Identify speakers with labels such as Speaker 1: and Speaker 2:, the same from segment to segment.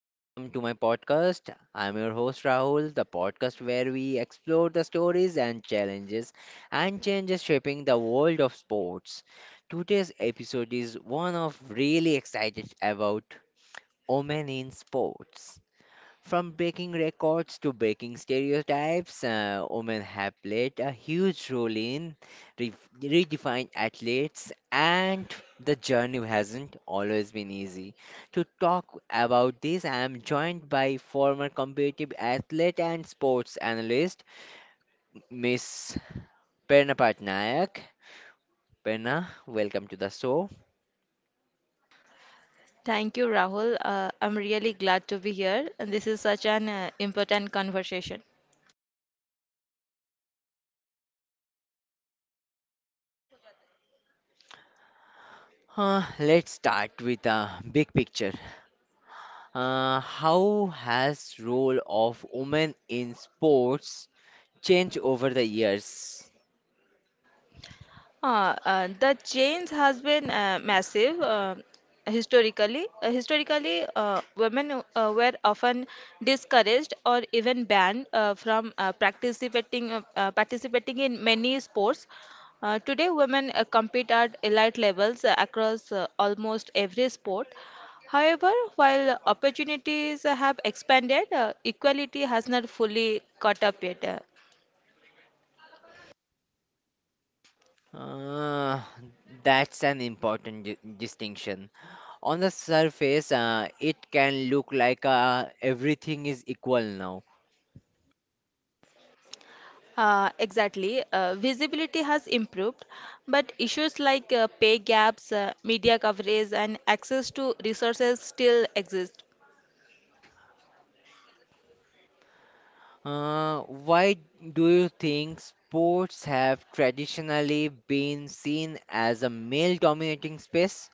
Speaker 1: welcome to my podcast. I'm your host Rahul, the podcast where we explore the stories and challenges and changes shaping the world of sports. Today's episode is one of really excited about women in sports. From breaking records to breaking stereotypes, women have played a huge role in re- redefining athletes, and the journey hasn't always been easy. To talk about this, I am joined by former competitive athlete and sports analyst, Miss Perna Patnaik. Perna, welcome to the show.
Speaker 2: Thank you, Rahul. I'm really glad to be here. And this is such an important conversation.
Speaker 1: Let's start with a big picture. How has role of women in sports changed over the years?
Speaker 2: The change has been massive historically. Historically, women were often discouraged or even banned from participating in many sports. Today, women compete at elite levels across almost every sport. However, while opportunities have expanded, equality has not fully caught up yet.
Speaker 1: Uh, that's an important distinction. On the surface, it can look like everything is equal now.
Speaker 2: Exactly. Visibility has improved, but issues like pay gaps, media coverage, and access to resources still exist.
Speaker 1: Why do you think sports have traditionally been seen as a male dominating space?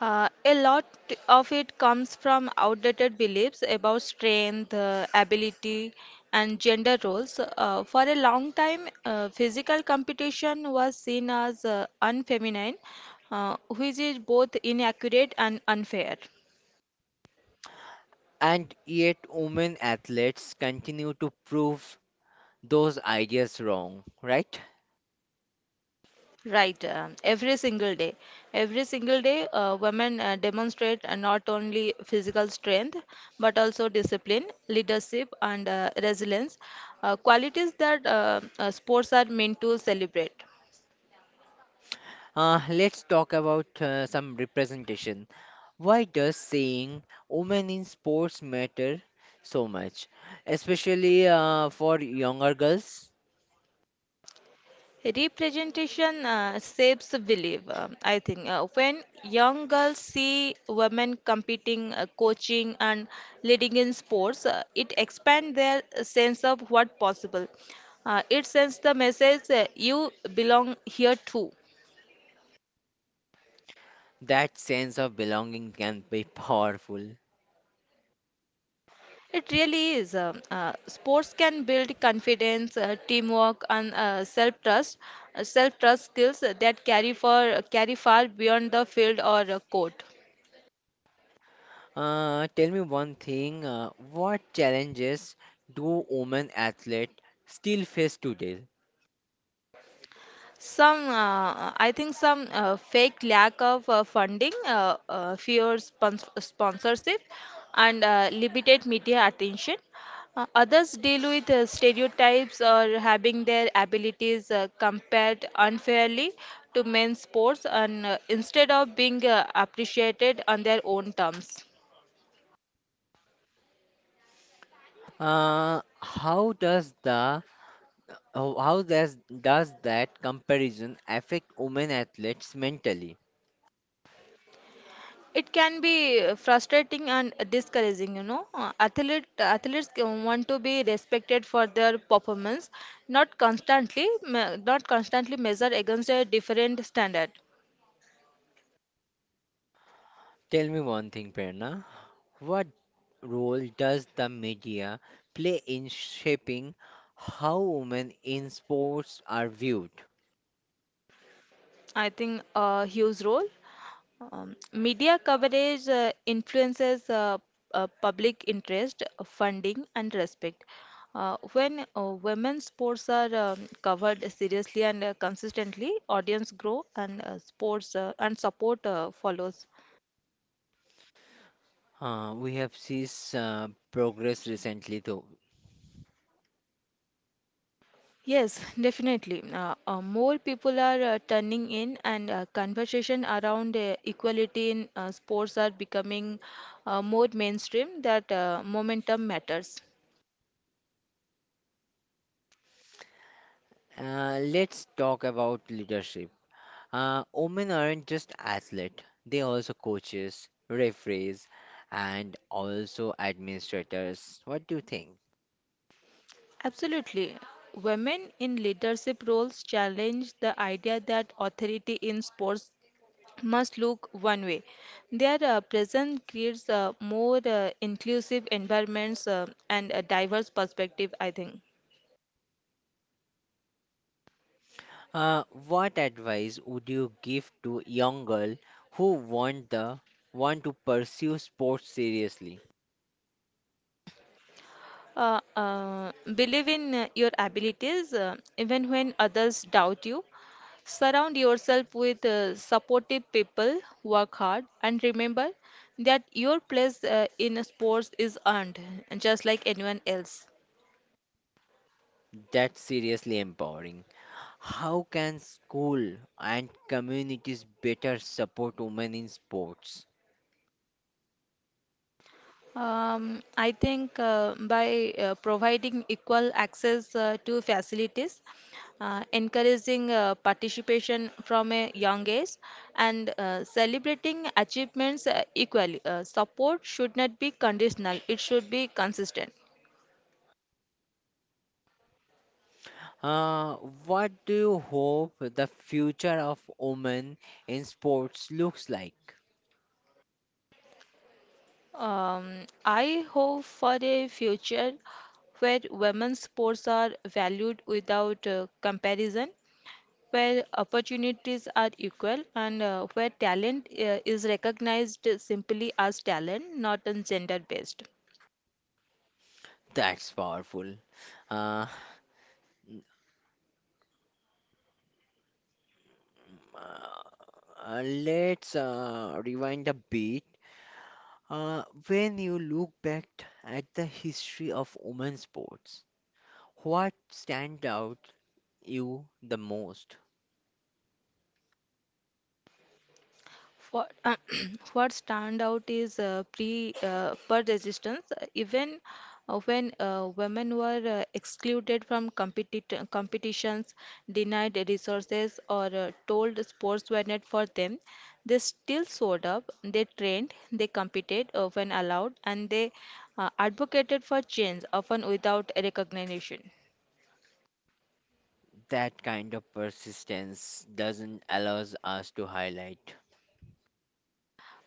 Speaker 2: A lot of it comes from outdated beliefs about strength, ability, and gender roles. For a long time, physical competition was seen as unfeminine, which is both inaccurate and unfair.
Speaker 1: And yet, women athletes continue to prove those ideas wrong, right?
Speaker 2: Right, every single day. Every single day, women demonstrate not only physical strength but also discipline, leadership, and resilience, qualities that sports are meant to celebrate.
Speaker 1: Let's talk about some representation. Why does saying women in sports matter so much, especially for younger girls?
Speaker 2: Representation shapes the belief, I think. When young girls see women competing, coaching, and leading in sports, it expands their sense of what possible. It sends the message you belong here too.
Speaker 1: That sense of belonging can be powerful.
Speaker 2: It really is. Sports can build confidence, teamwork, and self-trust skills that carry far beyond the field or court.
Speaker 1: Tell me one thing, what challenges do women athletes still face today?
Speaker 2: Some, I think, some fake lack of funding, fewer sponsorship, and limited media attention. Others deal with stereotypes or having their abilities compared unfairly to men's sports, and instead of being appreciated on their own terms.
Speaker 1: How does the How does that comparison affect women athletes mentally?
Speaker 2: It can be frustrating and discouraging. Athletes can want to be respected for their performance, not constantly measured against a different standard.
Speaker 1: Tell me one thing, Prerna. What role does the media play in shaping how women in sports are viewed?
Speaker 2: I think a huge role. Media coverage influences public interest, funding, and respect. When women's sports are covered seriously and consistently, audience grow and sports and support follows.
Speaker 1: We have seen uh, progress recently, though.
Speaker 2: Yes, definitely. More people are turning in, and conversation around equality in sports are becoming more mainstream. That momentum matters.
Speaker 1: Let's talk about leadership. Women aren't just athletes; they are also coaches, referees, and also administrators. What do you think?
Speaker 2: Absolutely. Women in leadership roles challenge the idea that authority in sports must look one way. Their presence creates more inclusive environments and a diverse perspective, I think.
Speaker 1: What advice would you give to young girl who want to pursue sports seriously?
Speaker 2: Believe in your abilities even when others doubt you. Surround yourself with supportive people, work hard, and remember that your place in sports is earned, just like anyone else.
Speaker 1: That's seriously empowering. How can school and communities better support women in sports?
Speaker 2: I think by providing equal access to facilities, encouraging participation from a young age, and celebrating achievements equally, support should not be conditional, it should be consistent.
Speaker 1: Uh, what do you hope the future of women in sports looks like?
Speaker 2: I hope for a future where women's sports are valued without comparison, where opportunities are equal and where talent is recognized simply as talent, not as gender based.
Speaker 1: That's powerful. Uh, let's rewind a bit. Uh, when you look back at the history of women's sports, what stand out you the most?
Speaker 2: What, what stand out is pre per resistance. Even when women were excluded from competitions, denied resources, or told sports were not for them, they still showed up. They trained, they competed when allowed, and they advocated for change, often without recognition.
Speaker 1: That kind of persistence doesn't allows us to highlight.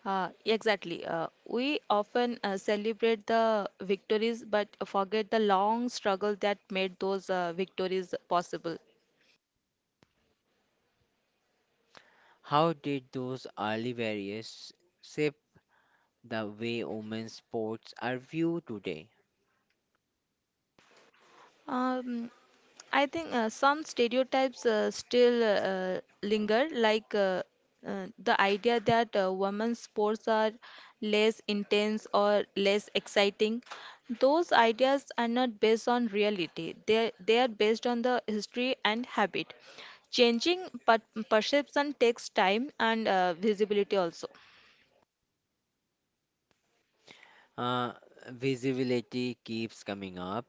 Speaker 2: Exactly. We often celebrate the victories but forget the long struggle that made those victories possible.
Speaker 1: How did those early barriers shape the way women's sports are viewed today?
Speaker 2: Um, I think some stereotypes still linger, like the idea that women's sports are less intense or less exciting. Those ideas are not based on reality, they are based on the history and habit. Changing perception takes time and visibility also.
Speaker 1: Uh, Visibility keeps coming up.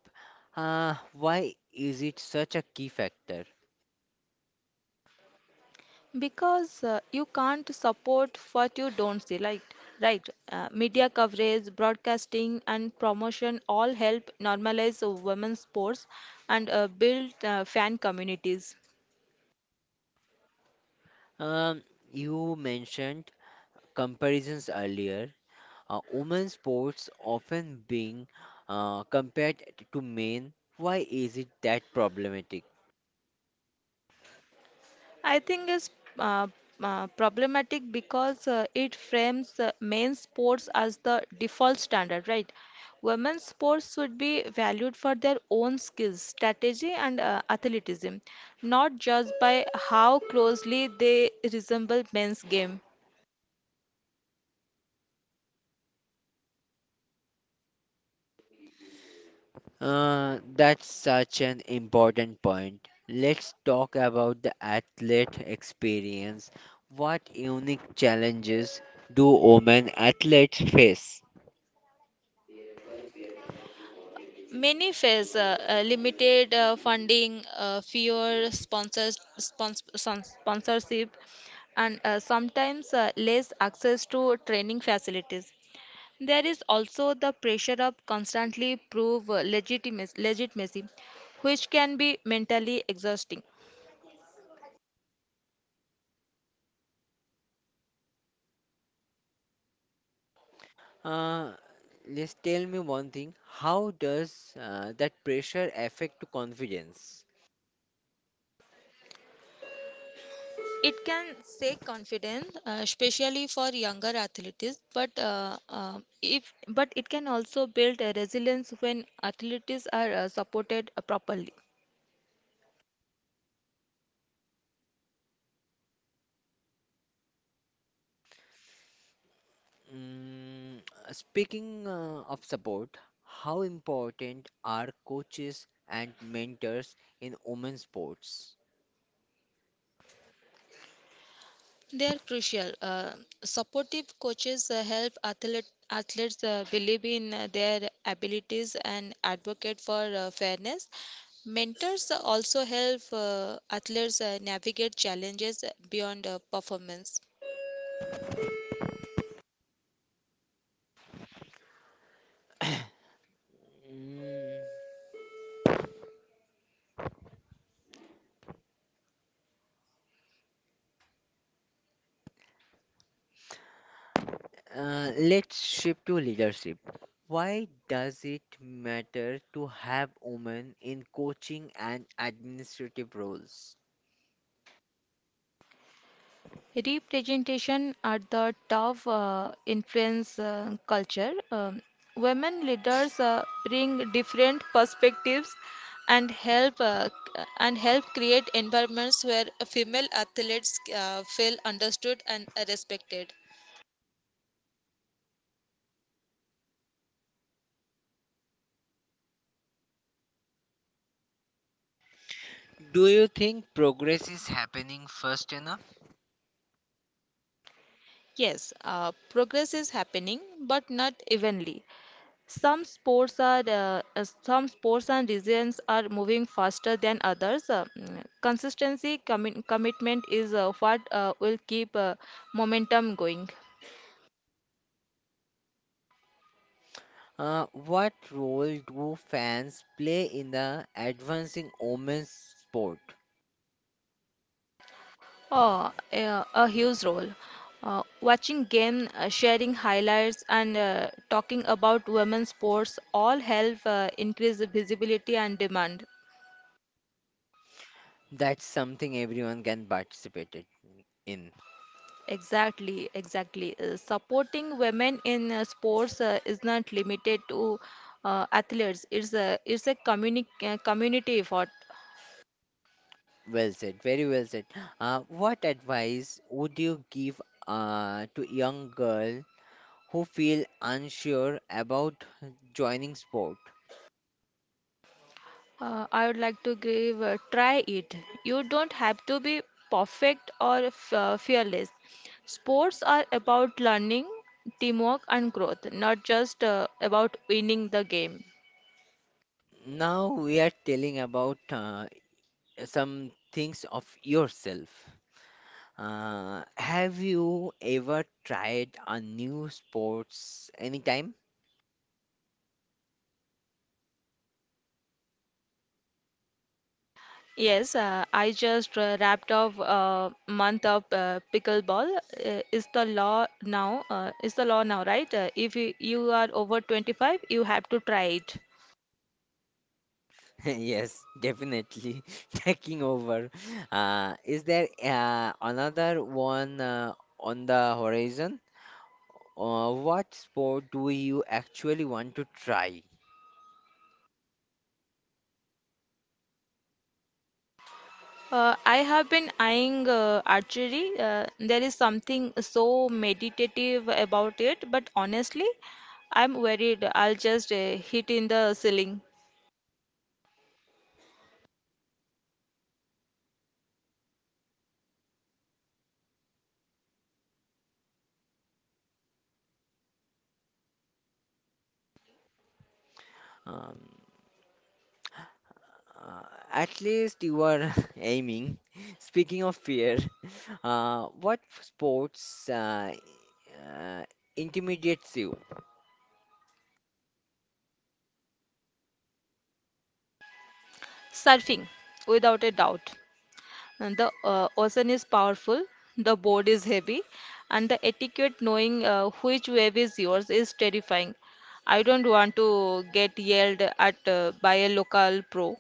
Speaker 1: Why is it such a key factor?
Speaker 2: Because you can't support what you don't see, like, right, media coverage broadcasting and promotion all help normalize women's sports and build fan communities.
Speaker 1: Um, you mentioned comparisons earlier. Women's sports often being compared to men. Why is it that problematic?
Speaker 2: I think it's uh, problematic because it frames men's sports as the default standard, right? Women's sports should be valued for their own skills, strategy, and athleticism, not just by how closely they resemble men's game.
Speaker 1: That's such an important point. Let's talk about the athlete experience. What unique challenges do women athletes face?
Speaker 2: Many face limited funding, fewer sponsors, sponsorship, and sometimes less access to training facilities. There is also the pressure of constantly prove legitimacy, which can be mentally exhausting.
Speaker 1: Uh, just tell me one thing. How does that pressure affect to confidence?
Speaker 2: It can shake confidence, especially for younger athletes, but if But it can also build a resilience when athletes are supported properly.
Speaker 1: Mm, speaking of support, how important are coaches and mentors in women's sports?
Speaker 2: They are crucial. Supportive coaches help athletes believe in their abilities and advocate for fairness. Mentors also help athletes navigate challenges beyond performance.
Speaker 1: Mm, let's shift to leadership. Why does it matter to have women in coaching and administrative roles?
Speaker 2: Representation at the top influence culture. Women leaders bring different perspectives and help create environments where female athletes feel understood and respected.
Speaker 1: Do you think progress is happening fast enough?
Speaker 2: Yes, progress is happening, but not evenly. Some sports and regions are moving faster than others. Consistency, commitment is what will keep momentum going.
Speaker 1: What role do fans play in the advancing women's sport?
Speaker 2: Oh, a huge role. Watching game, sharing highlights, and talking about women's sports all help increase the visibility and demand.
Speaker 1: That's something everyone can participate it in.
Speaker 2: Exactly, exactly. Supporting women in sports is not limited to athletes. It's a community effort.
Speaker 1: Well said, very well said. What advice would you give to young girl who feel unsure about joining sport?
Speaker 2: I would like to give try it. You don't have to be perfect or f fearless. Sports are about learning, teamwork, and growth, not just about winning the game.
Speaker 1: Now we are telling about some things of yourself. Have you ever tried a new sports anytime?
Speaker 2: Yes, I just wrapped up a month of pickleball. Is the law now? Is the law now, right? If you are over 25, you have to try it.
Speaker 1: Yes, definitely taking over. Is there another one on the horizon? What sport do you actually want to try?
Speaker 2: I have been eyeing archery. There is something so meditative about it, but honestly, I'm worried I'll just hit in the ceiling.
Speaker 1: Um, uh, at least you are aiming. Speaking of fear, what sports uh, intimidates you?
Speaker 2: Surfing, without a doubt. And the ocean is powerful, the board is heavy, and the etiquette knowing which wave is yours is terrifying. I don't want to get yelled at by a local pro.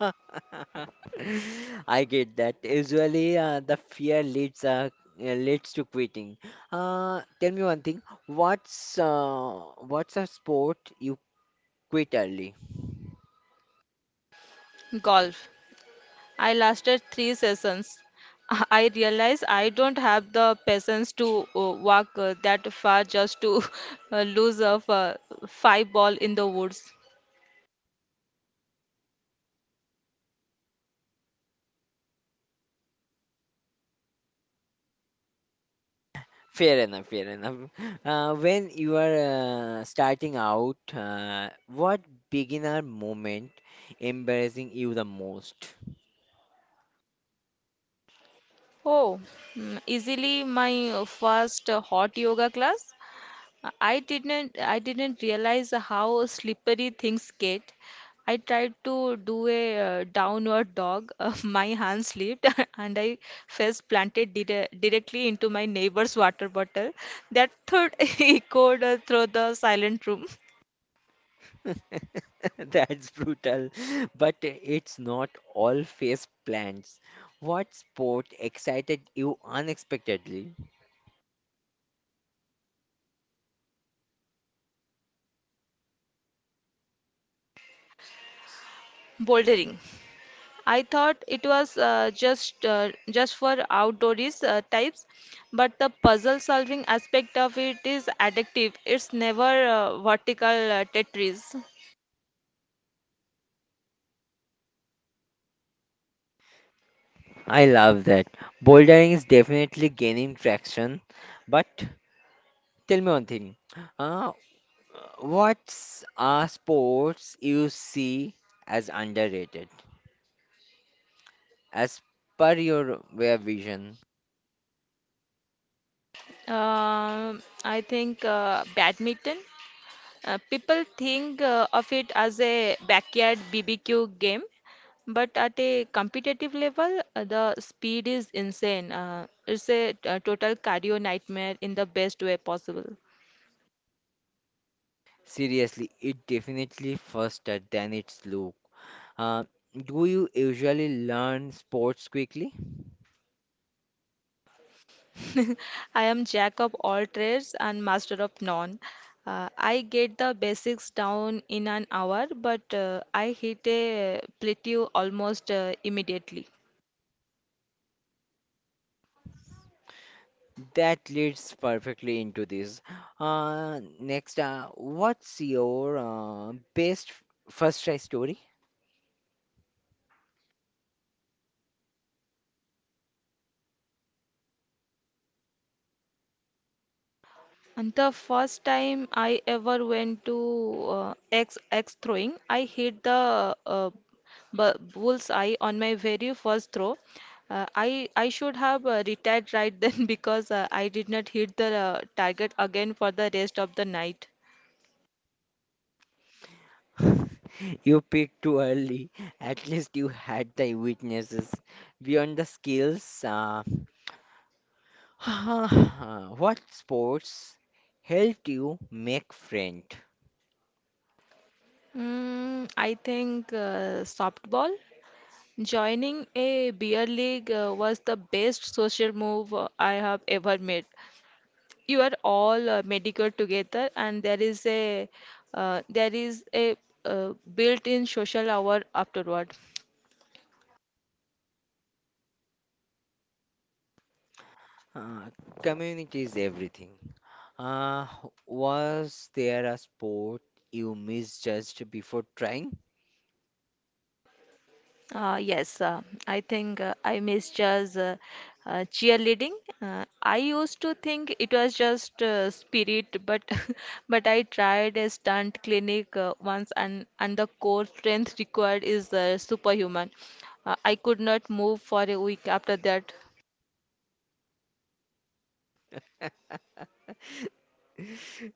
Speaker 1: I get that. Usually, the fear leads leads to quitting. Tell me one thing. What's a sport you quit early?
Speaker 2: Golf. I lasted three sessions. I realize I don't have the patience to walk that far just to lose a five ball in the woods.
Speaker 1: Fair enough, fair enough. When you are starting out, what beginner moment embarrassing you the most?
Speaker 2: Oh, easily my first hot yoga class. I didn't realize how slippery things get. I tried to do a downward dog. My hand slipped and I face planted directly into my neighbor's water bottle. That thud echoed through the silent room.
Speaker 1: That's brutal, but it's not all face plants. What sport excited you unexpectedly?
Speaker 2: Bouldering. I thought it was just for outdoors types, but the puzzle solving aspect of it is addictive. It's never vertical Tetris.
Speaker 1: I love that. Bouldering is definitely gaining traction, but tell me one thing. Uh, what's are sports you see as underrated as per your way of vision?
Speaker 2: I think badminton. People think of it as a backyard BBQ game, but at a competitive level, the speed is insane. It's a total cardio nightmare in the best way possible.
Speaker 1: Seriously, it definitely faster than its look. Uh, do you usually learn sports quickly?
Speaker 2: I am jack of all trades and master of none. I get the basics down in an hour, but I hit a plateau almost immediately.
Speaker 1: That leads perfectly into this. Next, what's your best first try story?
Speaker 2: And the first time I ever went to X X throwing, I hit the bull's eye on my very first throw. I should have retired right then because I did not hit the target again for the rest of the night.
Speaker 1: You picked too early. At least you had the witnesses. Beyond the skills, what sports helped you make friend?
Speaker 2: Mm, I think softball. Joining a beer league was the best social move I have ever made. You are all medical together and there is a built-in social hour afterward.
Speaker 1: Uh, Community is everything. Uh, was there a sport you misjudged before trying?
Speaker 2: Yes, I think I miss just cheerleading. I used to think it was just spirit, but but I tried a stunt clinic once, and the core strength required is superhuman. I could not move for a week after that.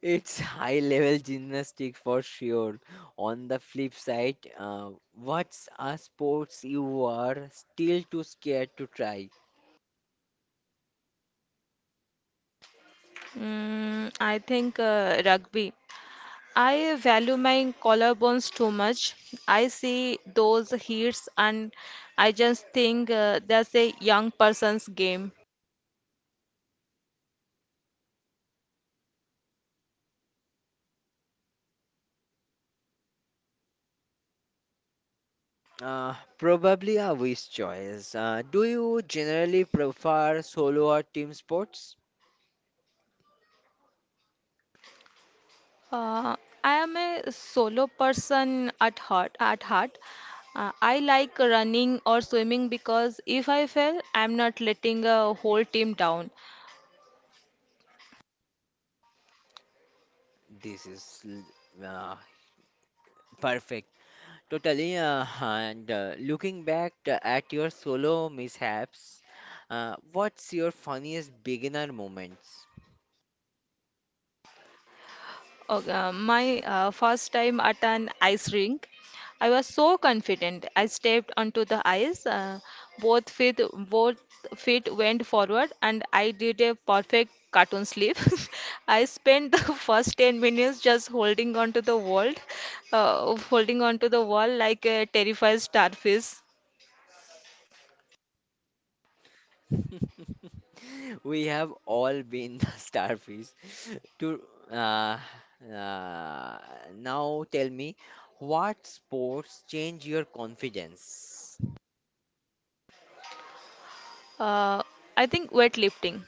Speaker 1: It's high level gymnastics for sure. On the flip side, what's a sports you are still too scared to try?
Speaker 2: Mm, I think rugby. I value my collarbones too much. I see those hits and I just think that's a young person's game.
Speaker 1: Probably a wish choice. Do you generally prefer solo or team sports?
Speaker 2: Uh, I am a solo person at heart. I like running or swimming because if I fail, I'm not letting a whole team down.
Speaker 1: This is perfect. Totally, and looking back at your solo mishaps, what's your funniest beginner moments?
Speaker 2: Okay, my first time at an ice rink, I was so confident. I stepped onto the ice. Both feet, both feet went forward, and I did a perfect cartoon slip. I spent the first 10 minutes just holding onto the wall like a terrified starfish.
Speaker 1: We have all been the starfish. To uh, uh, Now tell me, what sports change your confidence?
Speaker 2: Uh, I think weightlifting.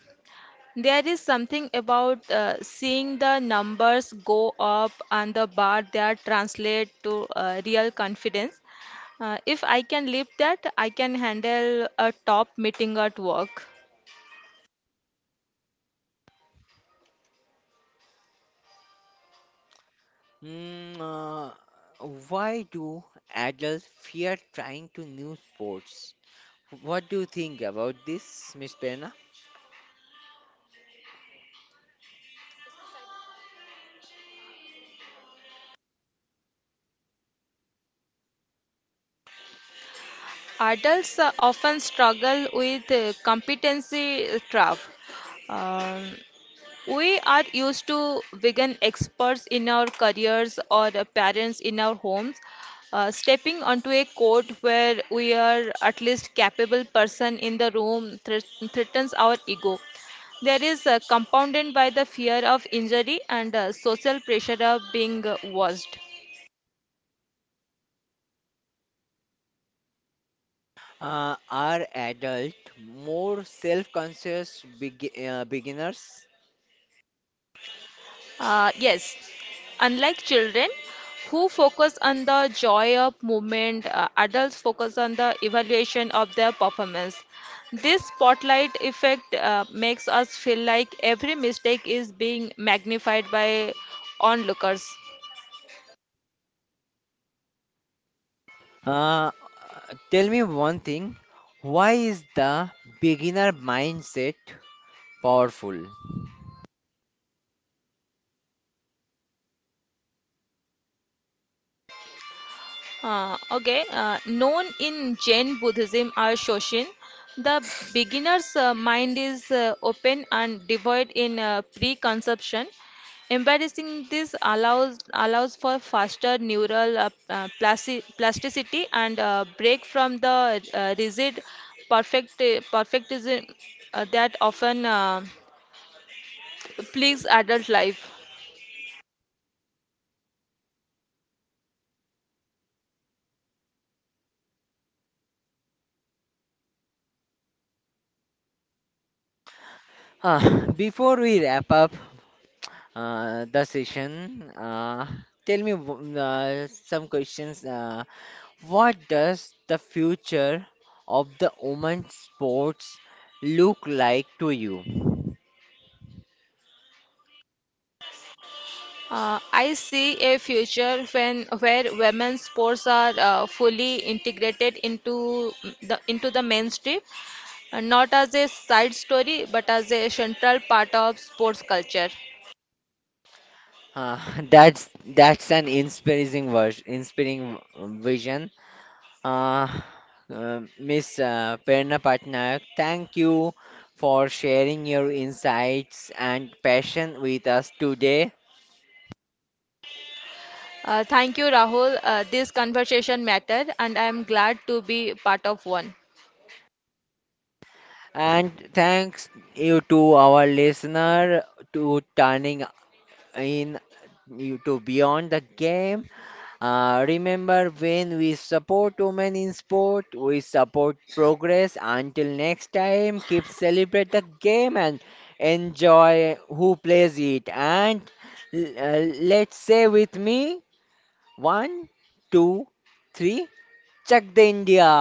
Speaker 2: There is something about seeing the numbers go up on the bar that translate to real confidence. If I can live that, I can handle a top meeting at work.
Speaker 1: Hmm, uh, why do adults fear trying to new sports? What do you think about this, Miss Perna?
Speaker 2: Adults often struggle with competency trap. Um, We are used to vegan experts in our careers or the parents in our homes. Stepping onto a court where we are at least capable person in the room threatens our ego. There is compounded by the fear of injury and social pressure of being watched.
Speaker 1: Are adult more self-conscious beginners?
Speaker 2: Yes, unlike children who focus on the joy of movement, adults focus on the evaluation of their performance. This spotlight effect makes us feel like every mistake is being magnified by onlookers.
Speaker 1: Uh, Tell me one thing. Why is the beginner mindset powerful?
Speaker 2: Okay, known in Jain Buddhism as Shoshin, the beginner's mind is open and devoid in preconception. Embracing this allows for faster neural plasticity and break from the rigid perfect perfectism that often plagues adult life.
Speaker 1: Before we wrap up the session, tell me some questions. What does the future of the women's sports look like to you?
Speaker 2: I see a future when where women's sports are fully integrated into the mainstream, not as a side story but as a central part of sports culture.
Speaker 1: Uh, that's that's an inspiring inspiring vision. Uh, Miss Prerna Patnaik, thank you for sharing your insights and passion with us today.
Speaker 2: Thank you, Rahul. This conversation mattered, and I am glad to be part of one.
Speaker 1: And thanks you to our listener to turning in you to beyond the game. Remember, when we support women in sport, we support progress. Until next time, keep celebrate the game and enjoy who plays it. And l- uh, let's say with me, one, two, three, check the India.